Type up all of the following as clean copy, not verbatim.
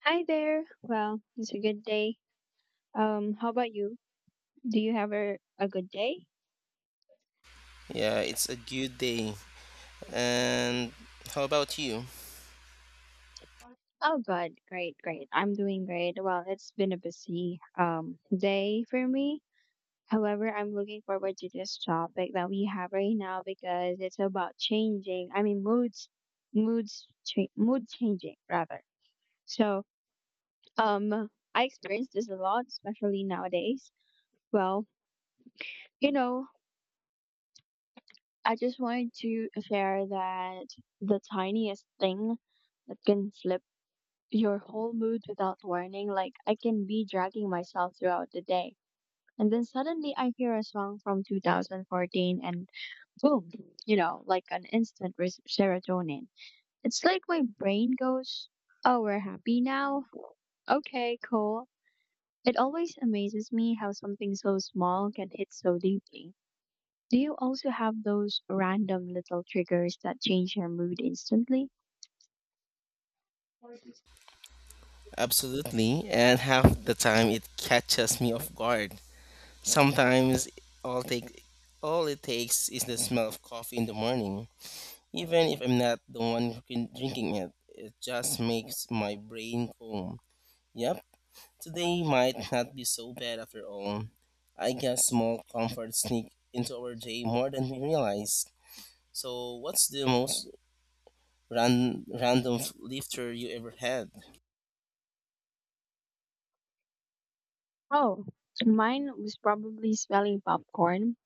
Hi there. Well, it's a good day. How about you? Do you have a good day? Yeah, it's a good day. And how about you? Oh, good. Great. I'm doing great. Well, it's been a busy day for me. However, I'm looking forward to this topic that we have right now because it's about changing. Mood changing rather. So, I experience this a lot, especially nowadays. Well, you know, I just wanted to share that the tiniest thing that can flip your whole mood without warning. Like, I can be dragging myself throughout the day. And then suddenly I hear a song from 2014 and boom, like an instant serotonin. It's like my brain goes, oh, we're happy now. Okay, cool. It always amazes me how something so small can hit so deeply. Do you also have those random little triggers that change your mood instantly? Absolutely. And half the time it catches me off guard. Sometimes all take all it takes is the smell of coffee in the morning. Even if I'm not the one drinking it, it just makes my brain calm. Yep, today might not be so bad after all. I guess small comforts sneak into our day more than we realize. So, what's the most random lifter you ever had? Oh, mine was probably smelling popcorn.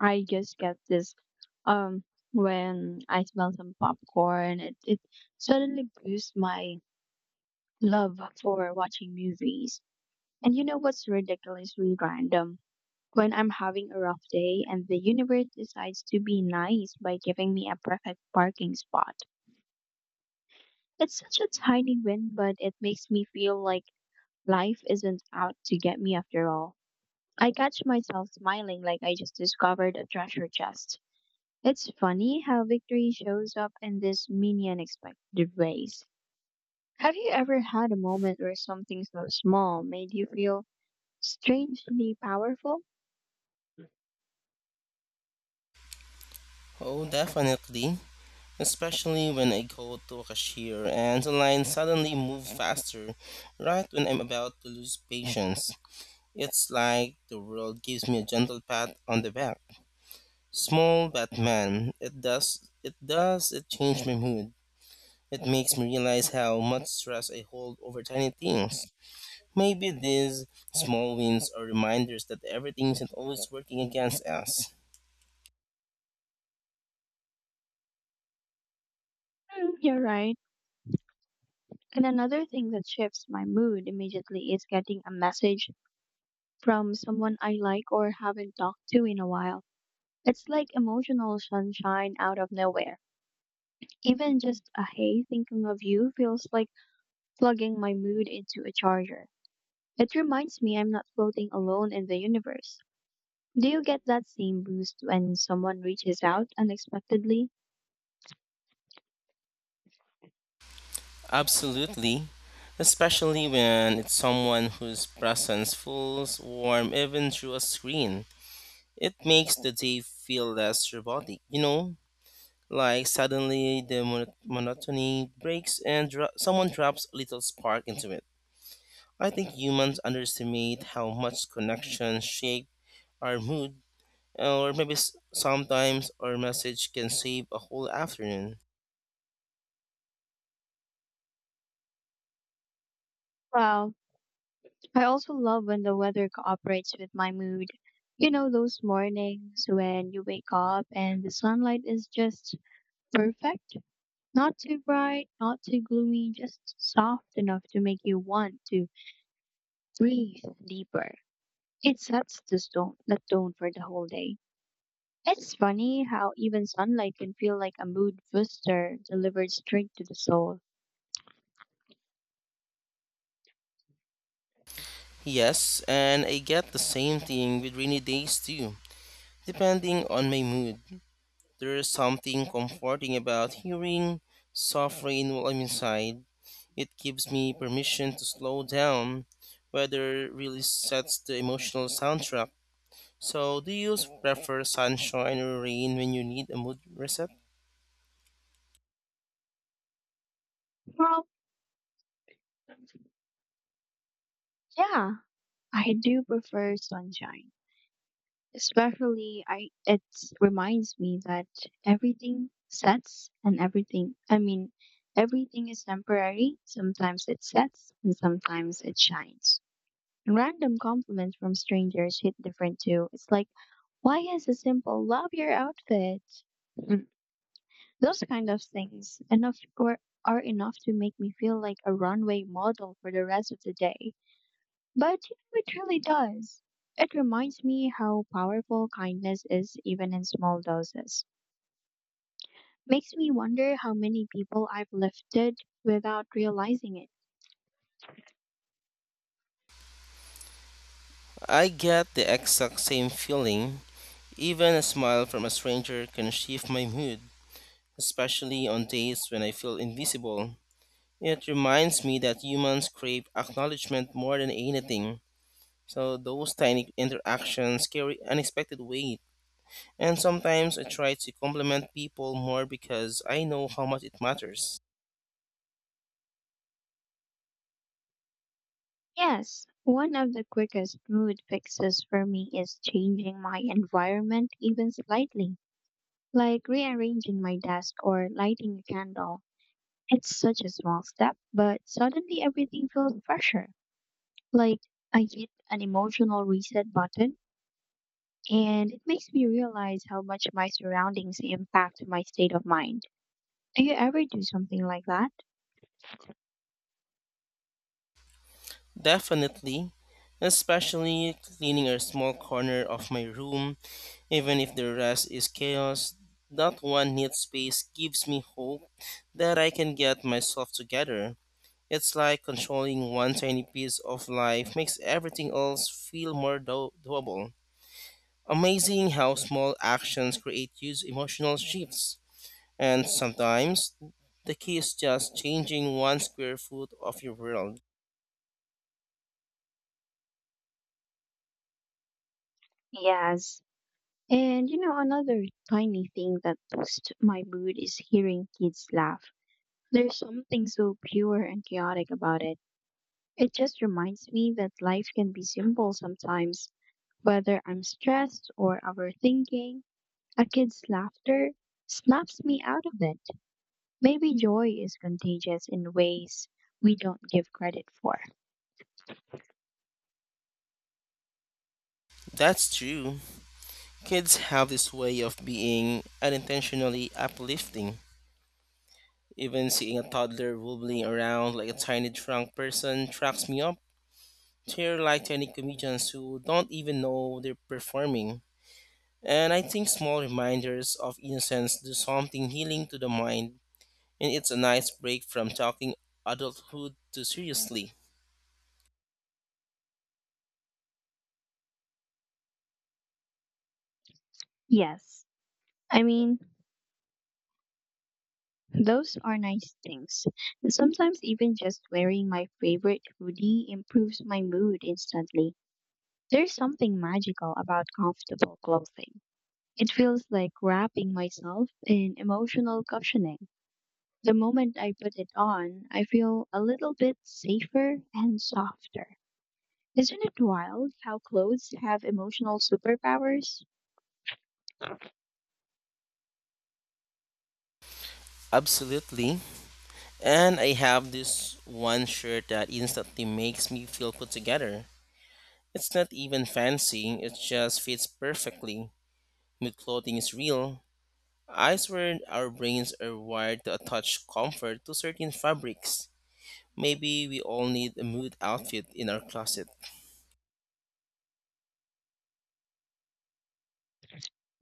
I just get this um when I smell some popcorn, it suddenly boosts my love for watching movies. And you know what's ridiculously random? When I'm having a rough day and the universe decides to be nice by giving me a perfect parking spot. It's such a tiny win, but it makes me feel like life isn't out to get me after all. I catch myself smiling like I just discovered a treasure chest. It's funny how victory shows up in these mini unexpected ways. Have you ever had a moment where something so small made you feel strangely powerful? Oh, definitely. Especially when I go to a cashier and the line suddenly moves faster right when I'm about to lose patience. It's like the world gives me a gentle pat on the back. Small Batman, it does it does it change my mood. It makes me realize how much stress I hold over tiny things. Maybe these small wins are reminders that everything isn't always working against us. Mm, you're right. And another thing that shifts my mood immediately is getting a message from someone I like or haven't talked to in a while. It's like emotional sunshine out of nowhere. Even just a hey thinking of you feels like plugging my mood into a charger. It reminds me I'm not floating alone in the universe. Do you get that same boost when someone reaches out unexpectedly? Absolutely, especially when it's someone whose presence feels warm even through a screen. It makes the day feel less robotic, you know? Like suddenly the monotony breaks and someone drops a little spark into it. I think humans underestimate how much connection shape our mood, or maybe sometimes our message can save a whole afternoon. Well, I also love when the weather cooperates with my mood. You know, those mornings when you wake up and the sunlight is just perfect? Not too bright, not too gloomy, just soft enough to make you want to breathe deeper. It sets the tone for the whole day. It's funny how even sunlight can feel like a mood booster delivered straight to the soul. Yes, and I get the same thing with rainy days too. Depending on my mood, there's something comforting about hearing soft rain while I'm inside. It gives me permission to slow down. Weather really sets the emotional soundtrack. So, do you prefer sunshine or rain when you need a mood reset? Well, yeah, I do prefer sunshine. Especially, I it reminds me that everything sets and everything. I mean, everything is temporary. Sometimes it sets and sometimes it shines. Random compliments from strangers hit different too. It's like, why is a simple love your outfit? Mm, Those kind of things enough or are enough to make me feel like a runway model for the rest of the day. But you know, it really does. It reminds me how powerful kindness is even in small doses. Makes me wonder how many people I've lifted without realizing it. I get the exact same feeling. Even a smile from a stranger can shift my mood, especially on days when I feel invisible. It reminds me that humans crave acknowledgement more than anything. So those tiny interactions carry unexpected weight, and sometimes I try to compliment people more because I know how much it matters. Yes, one of the quickest mood fixes for me is changing my environment even slightly, like rearranging my desk or lighting a candle. It's such a small step, but suddenly everything feels fresher. Like I hit an emotional reset button, and it makes me realize how much my surroundings impact my state of mind. Do you ever do something like that? Definitely, especially cleaning a small corner of my room, even if the rest is chaos. That one neat space gives me hope that I can get myself together. It's like controlling one tiny piece of life makes everything else feel more doable. Amazing how small actions create huge emotional shifts. And sometimes the key is just changing one square foot of your world. Yes. And you know, another tiny thing that boosts my mood is hearing kids laugh. There's something so pure and chaotic about it. It just reminds me that life can be simple sometimes. Whether I'm stressed or overthinking, a kid's laughter snaps me out of it. Maybe joy is contagious in ways we don't give credit for. That's true. Kids have this way of being unintentionally uplifting. Even seeing a toddler wobbling around like a tiny drunk person tracks me up. They're like tiny comedians who don't even know they're performing. And I think small reminders of innocence do something healing to the mind and it's a nice break from talking adulthood to seriously. Yes, I mean, those are nice things. And sometimes even just wearing my favorite hoodie improves my mood instantly. There's something magical about comfortable clothing. It feels like wrapping myself in emotional cushioning. The moment I put it on, I feel a little bit safer and softer. Isn't it wild how clothes have emotional superpowers? Absolutely. And I have this one shirt that instantly makes me feel put together. It's not even fancy, it just fits perfectly. Mood clothing is real. I swear our brains are wired to attach comfort to certain fabrics. Maybe we all need a mood outfit in our closet.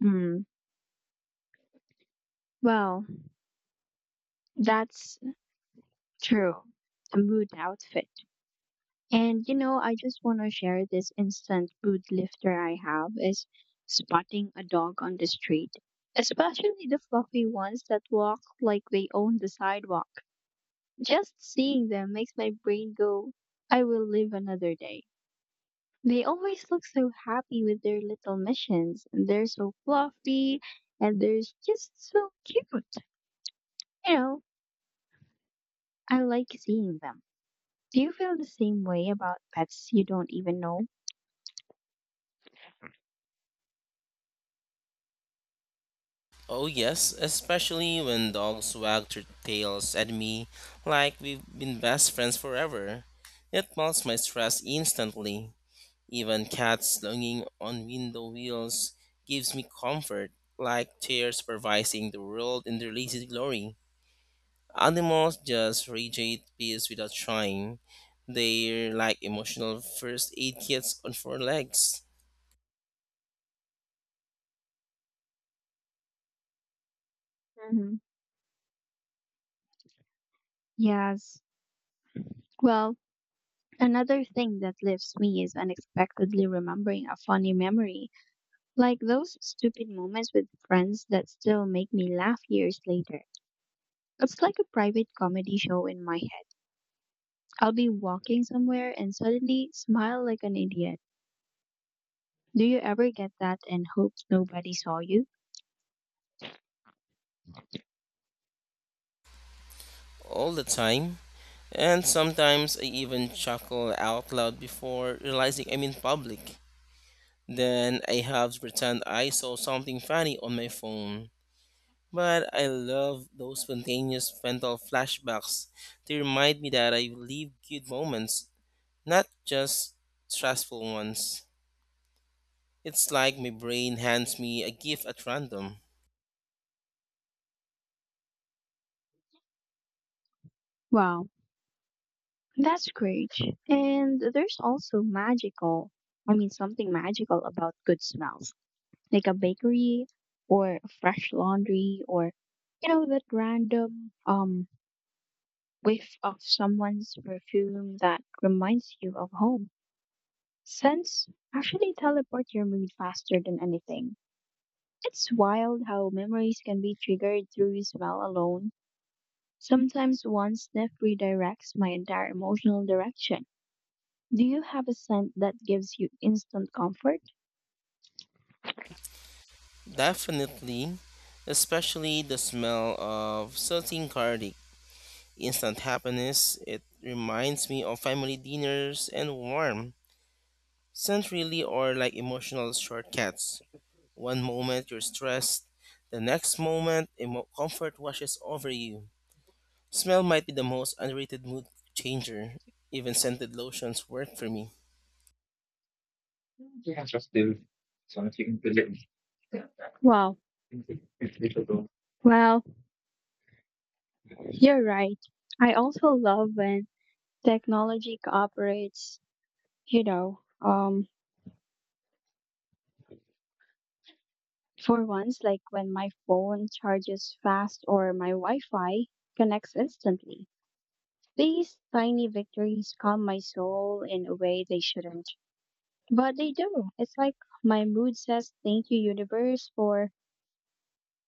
Hmm. Well, that's true. A mood outfit. And you know, I just want to share this instant mood lifter I have is spotting a dog on the street, especially the fluffy ones that walk like they own the sidewalk. Just seeing them makes my brain go, I will live another day. They always look so happy with their little missions, and they're so fluffy, and they're just so cute. You know, I like seeing them. Do you feel the same way about pets you don't even know? Oh, yes, especially when dogs wag their tails at me like we've been best friends forever. It melts my stress instantly. Even cats longing on window wheels gives me comfort, like tears supervising the world in their lazy glory. Animals just radiate peace without trying. They're like emotional first aid kits on four legs Hmm. Yes. Well, another thing that lifts me is unexpectedly remembering a funny memory, like those stupid moments with friends that still make me laugh years later. It's like a private comedy show in my head. I'll be walking somewhere and suddenly smile like an idiot. Do you ever get that and hope nobody saw you? all the time. And sometimes I even chuckle out loud before realizing I'm in public. Then I have to pretend I saw something funny on my phone. But I love those spontaneous mental flashbacks to remind me that I live good moments, not just stressful ones. It's like my brain hands me a gift at random. Wow, that's great. And there's also something magical about good smells, like a bakery or fresh laundry or, you know, that random whiff of someone's perfume that reminds you of home. Scents actually teleport your mood faster than anything. It's wild how memories can be triggered through smell alone. Sometimes one sniff redirects my entire emotional direction. Do you have a scent that gives you instant comfort? Definitely, especially the smell of salting garlic. Instant happiness, it reminds me of family dinners and warm, centrally or like emotional shortcuts. One moment you're stressed, the next moment comfort washes over you. Smell might be the most underrated mood changer. Even scented lotions work for me. Wow. Well, you're right. I also love when technology cooperates, you know, um, for once, like when my phone charges fast or my Wi Fi connects instantly. These tiny victories calm my soul in a way they shouldn't, but they do. It's like my mood says, thank you, universe, for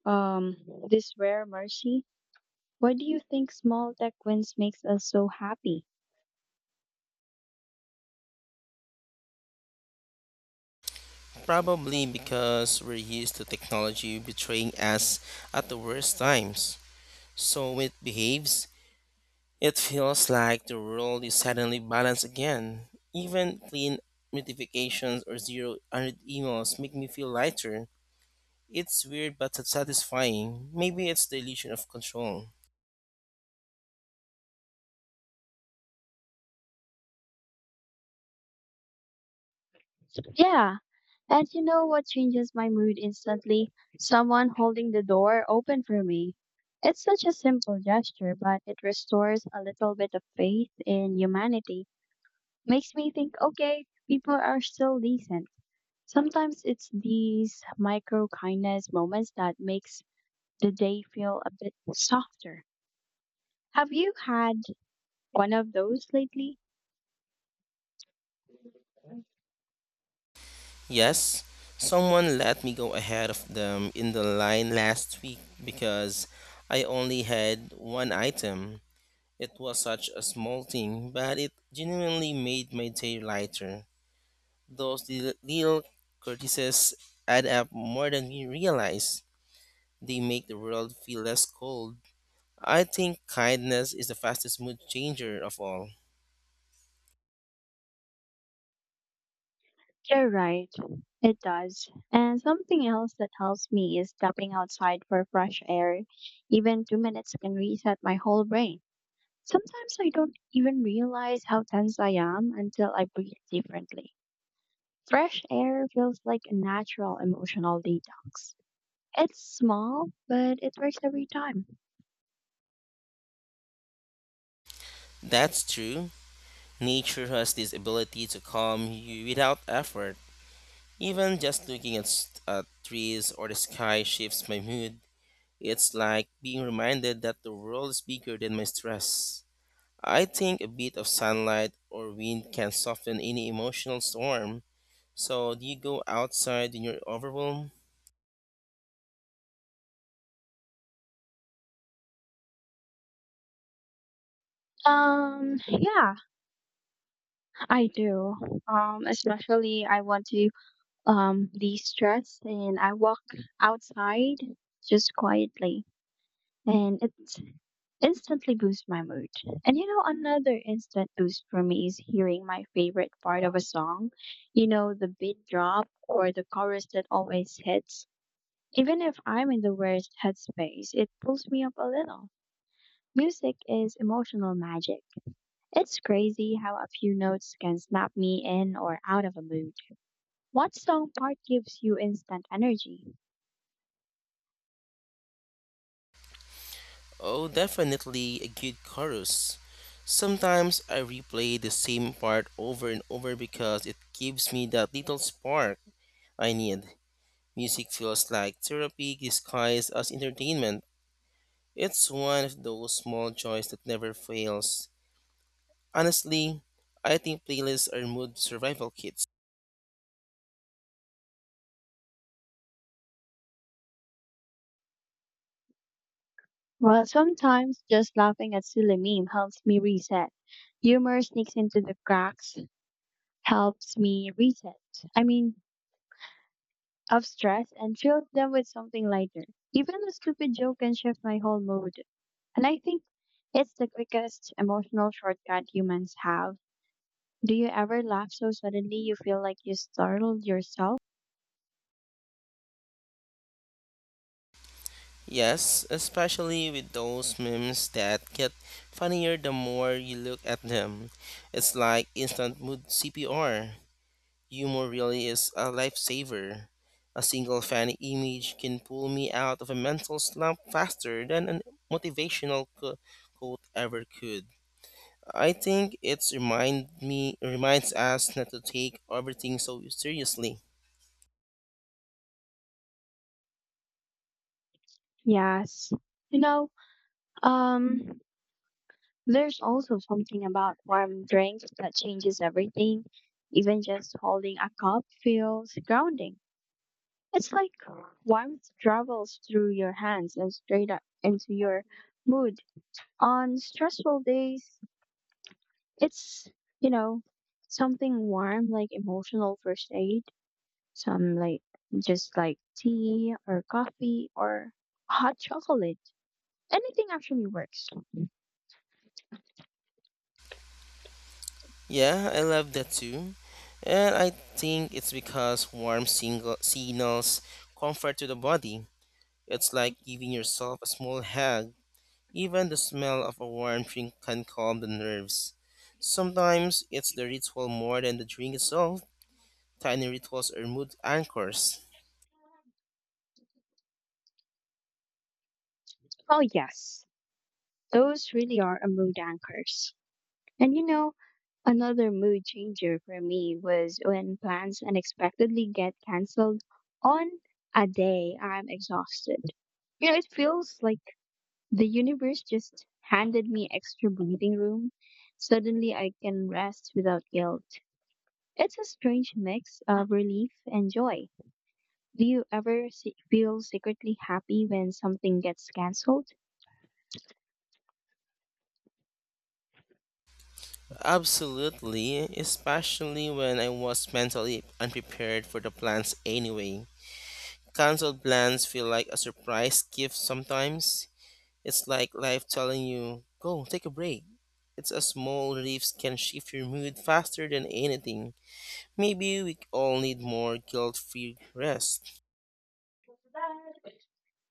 Um, this rare mercy. Why do you think small tech wins makes us so happy? Probably because we're used to technology betraying us at the worst times. So when it behaves, it feels like the world is suddenly balanced again. Even clean notifications or zero hundred unread emails make me feel lighter. It's weird but satisfying. Maybe it's the illusion of control. Yeah, and you know what changes my mood instantly? Someone holding the door open for me. It's such a simple gesture, but it restores a little bit of faith in humanity. Makes me think, okay, people are still decent. Sometimes it's these micro kindness moments that makes the day feel a bit softer. Have you had one of those lately? Yes, someone let me go ahead of them in the line last week because I only had one item. It was such a small thing, but it genuinely made my day lighter. Those little courtesies add up more than we realize. They make the world feel less cold. I think kindness is the fastest mood changer of all. You're right. It does. And something else that helps me is stepping outside for fresh air. Even 2 minutes can reset my whole brain. Sometimes I don't even realize how tense I am until I breathe differently. Fresh air feels like a natural emotional detox. It's small, but it works every time. That's true. Nature has this ability to calm you without effort. Even just looking at at trees or the sky shifts my mood. It's like being reminded that the world is bigger than my stress. I think a bit of sunlight or wind can soften any emotional storm. So, do you go outside when you're overwhelmed? Yeah, I do. Especially I want to de-stress and I walk outside just quietly and it instantly boosts my mood. And you know another instant boost for me is hearing my favorite part of a song. You know the beat drop or the chorus that always hits. Even if I'm in the worst headspace, it pulls me up a little. Music is emotional magic. It's crazy how a few notes can snap me in or out of a mood. What song part gives you instant energy? Oh, definitely a good chorus. Sometimes I replay the same part over and over because it gives me that little spark I need. Music feels like therapy disguised as entertainment. It's one of those small joys that never fails. Honestly, I think playlists are mood survival kits. Well, sometimes just laughing at silly meme helps me reset. Humor sneaks into the cracks, helps me reset. I mean, of stress and fill them with something lighter. Even a stupid joke can shift my whole mood. And I think it's the quickest emotional shortcut humans have. Do you ever laugh so suddenly you feel like you startled yourself? Yes, especially with those memes that get funnier the more you look at them. It's like instant mood CPR. Humor really is a lifesaver. A single funny image can pull me out of a mental slump faster than a motivational quote ever could. I think it's reminds us not to take everything so seriously. Yes. You know, um, there's also something about warm drinks that changes everything. Even just holding a cup feels grounding. It's like warmth travels through your hands and straight up into your mood. On stressful days, it's, you know, something warm like emotional first aid, some like just like tea or coffee or hot chocolate. Anything actually works. Yeah, I love that too. And I think it's because warm single signals comfort to the body. It's like giving yourself a small hug. Even the smell of a warm drink can calm the nerves. Sometimes it's the ritual more than the drink itself. Tiny rituals are mood anchors. Oh, yes. Those really are a mood anchors. And you know, another mood changer for me was when plans unexpectedly get canceled on a day I'm exhausted. You know, it feels like the universe just handed me extra breathing room. Suddenly I can rest without guilt. It's a strange mix of relief and joy. Do you ever feel secretly happy when something gets canceled? Absolutely, especially when I was mentally unprepared for the plans anyway. Cancelled plans feel like a surprise gift sometimes. It's like life telling you, go take a break. It's a small reliefs can shift your mood faster than anything. Maybe we all need more guilt free rest.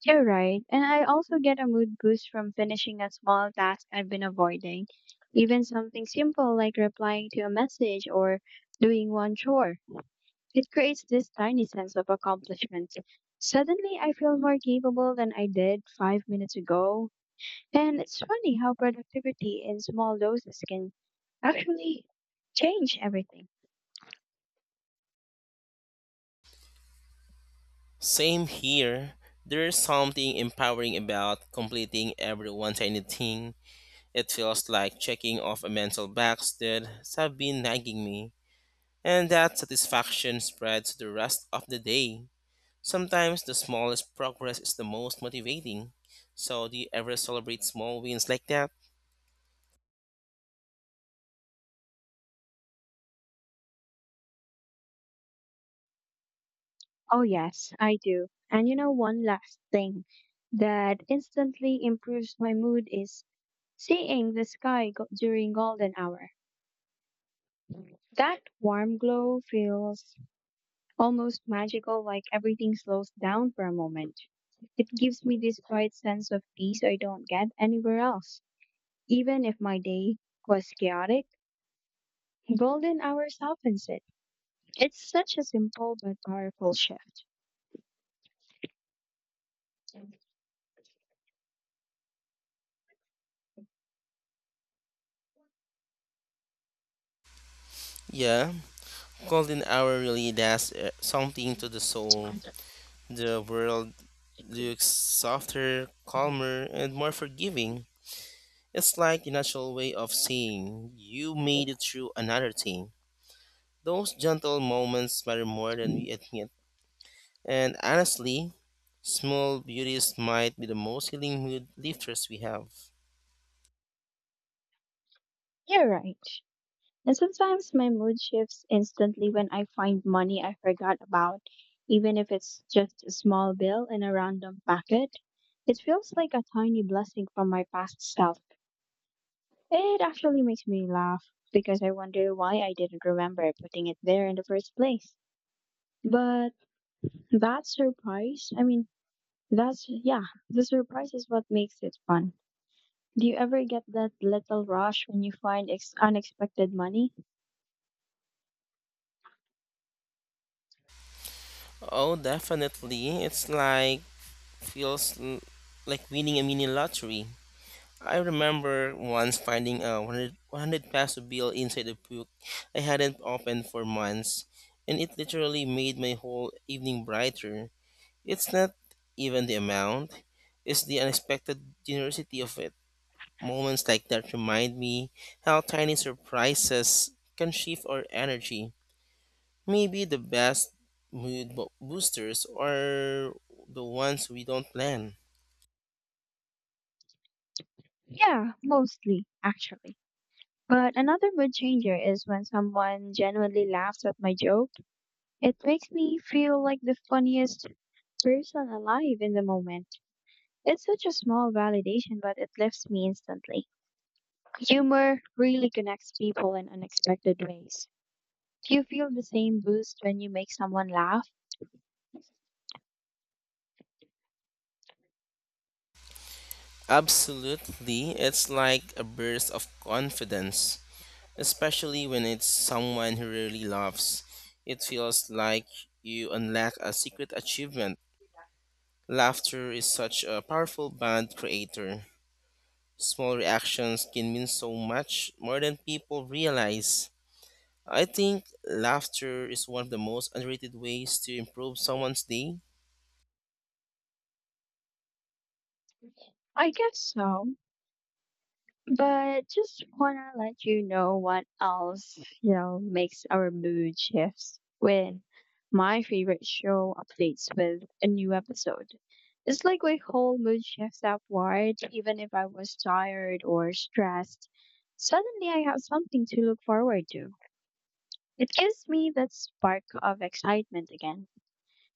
You're right. And I also get a mood boost from finishing a small task I've been avoiding, even something simple like replying to a message or doing one chore. It creates this tiny sense of accomplishment. Suddenly, I feel more capable than I did 5 minutes ago. And it's funny how productivity in small doses can actually change everything. Same here. There's something empowering about completing every one tiny thing. It feels like checking off a mental box that has been nagging me. And that satisfaction spreads to the rest of the day. Sometimes the smallest progress is the most motivating. So, do you ever celebrate small wins like that? Oh, yes, I do. And you know, one last thing that instantly improves my mood is seeing the sky during golden hour, that warm glow feels almost magical, like everything slows down for a moment. It gives me this quiet sense of peace I don't get anywhere else. Even if my day was chaotic, golden hour softens it. It's such a simple but powerful shift. Yeah, golden hour really does something to the soul. The world looks softer, calmer, and more forgiving. It's like the natural way of seeing you made it through another thing. Those gentle moments matter more than we admit. And honestly, small beauties might be the most healing mood lifters we have. You're right. And sometimes my mood shifts instantly when I find money I forgot about, even if it's just a small bill in a random packet. It feels like a tiny blessing from my past self. It actually makes me laugh because I wonder why I didn't remember putting it there in the first place. But that surprise, I mean, that's, yeah, the surprise is what makes it fun. Do you ever get that little rush when you find unexpected money? Oh, definitely. It's like feels like winning a mini lottery. I remember once finding a 100 peso bill inside a book I hadn't opened for months, and it literally made my whole evening brighter. It's not even the amount, it's the unexpected generosity of it. Moments like that remind me how tiny surprises can shift our energy. Maybe the best mood boosters are the ones we don't plan. Yeah, mostly, actually. But another mood changer is when someone genuinely laughs at my joke. It makes me feel like the funniest person alive in the moment. It's such a small validation, but it lifts me instantly. Humor really connects people in unexpected ways. Do you feel the same boost when you make someone laugh? Absolutely, it's like a burst of confidence, especially when it's someone who really loves. It feels like you unlock a secret achievement. Laughter is such a powerful bond creator. Small reactions can mean so much more than people realize. I think laughter is one of the most underrated ways to improve someone's day. I guess so. But just wanna let you know what else, you know, makes our mood shifts when my favorite show updates with a new episode. It's like my whole mood shifts upward, even if I was tired or stressed. Suddenly I have something to look forward to. It gives me that spark of excitement again.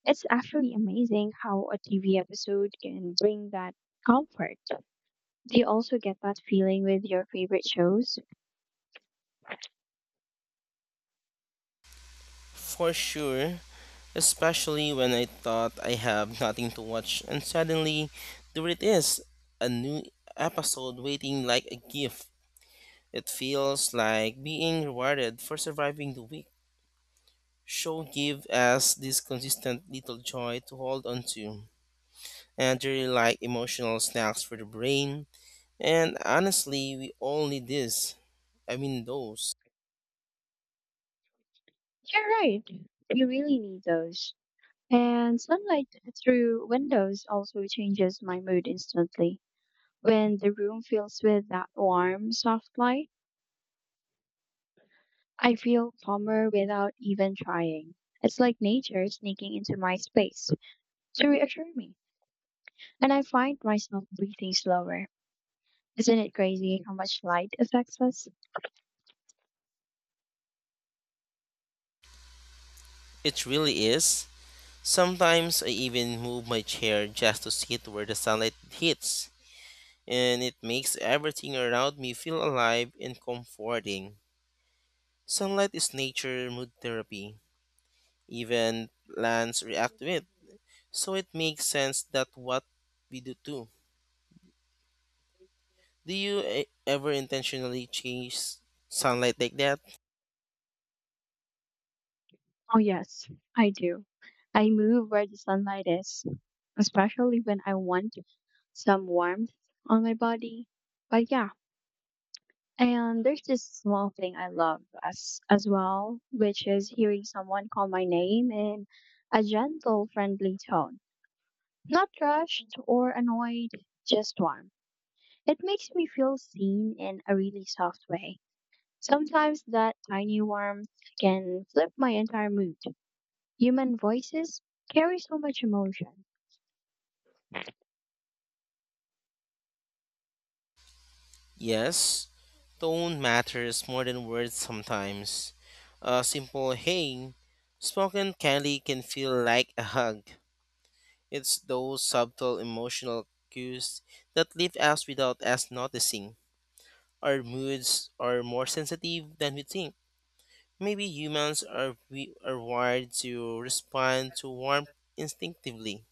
It's actually amazing how a TV episode can bring that comfort. Do you also get that feeling with your favorite shows? For sure, especially when I thought I have nothing to watch and suddenly there it is, a new episode waiting like a gift. It feels like being rewarded for surviving the week. Show give us this consistent little joy to hold on to. And they're like emotional snacks for the brain. And honestly, we all need this. I mean those. You're right. You really need those. And sunlight through windows also changes my mood instantly. When the room fills with that warm, soft light, I feel calmer without even trying. It's like nature sneaking into my space to reassure me. And I find myself breathing slower. Isn't it crazy how much light affects us? It really is. Sometimes I even move my chair just to sit where the sunlight hits, and it makes everything around me feel alive and comforting. Sunlight is nature mood therapy. Even plants react to it, so it makes sense that what we do too. Do you ever intentionally change sunlight like that? Oh, yes, I do. I move where the sunlight is, especially when I want some warmth on my body. But yeah, and there's this small thing I love as well, which is hearing someone call my name in a gentle, friendly tone. Not rushed or annoyed, just warm. It makes me feel seen in a really soft way. Sometimes that tiny warmth can flip my entire mood. Human voices carry so much emotion. Yes, tone matters more than words sometimes. A simple hey spoken kindly can feel like a hug. It's those subtle emotional cues that leave us without us noticing. Our moods are more sensitive than we think. Maybe humans are we are wired to respond to warmth instinctively.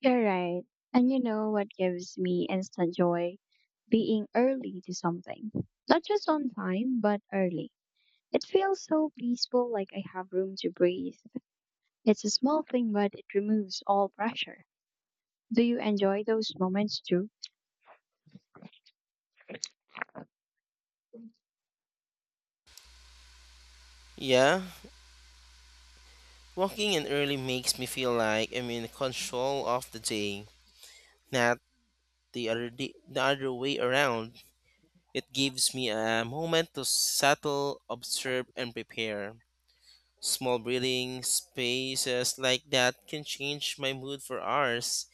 You're right. And you know what gives me instant joy? Being early to something. Not just on time, but early. It feels so peaceful, like I have room to breathe. It's a small thing, but it removes all pressure. Do you enjoy those moments too? Yeah, walking in early makes me feel like I'm in control of the day, not the other way around. It gives me a moment to settle, observe, and prepare. Small breathing spaces like that can change my mood for hours,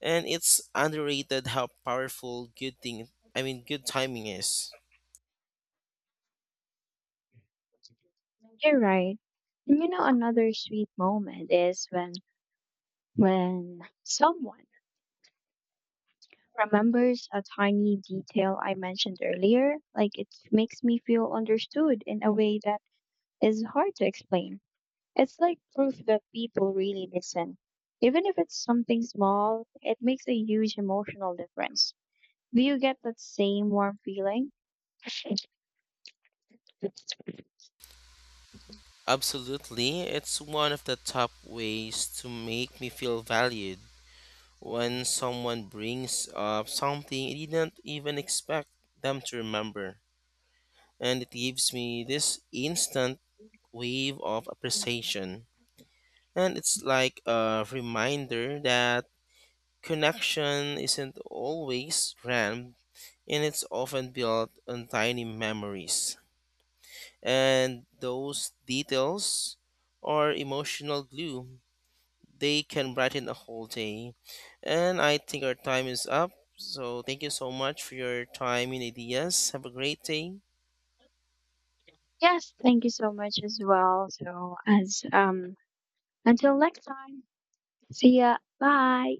and it's underrated how powerful good thing I mean good timing is. You're right. And you know, another sweet moment is when someone remembers a tiny detail I mentioned earlier. Like it makes me feel understood in a way that is hard to explain. It's like proof that people really listen. Even if it's something small, it makes a huge emotional difference. Do you get that same warm feeling? Absolutely, it's one of the top ways to make me feel valued. When someone brings up something I didn't even expect them to remember, and it gives me this instant wave of appreciation. And it's like a reminder that connection isn't always grand, and it's often built on tiny memories. And those details are emotional glue. They can brighten a whole day. And I think our time is up. So thank you so much for your time and ideas. Have a great day. Yes, thank you so much as well. So as until next time. See ya. Bye.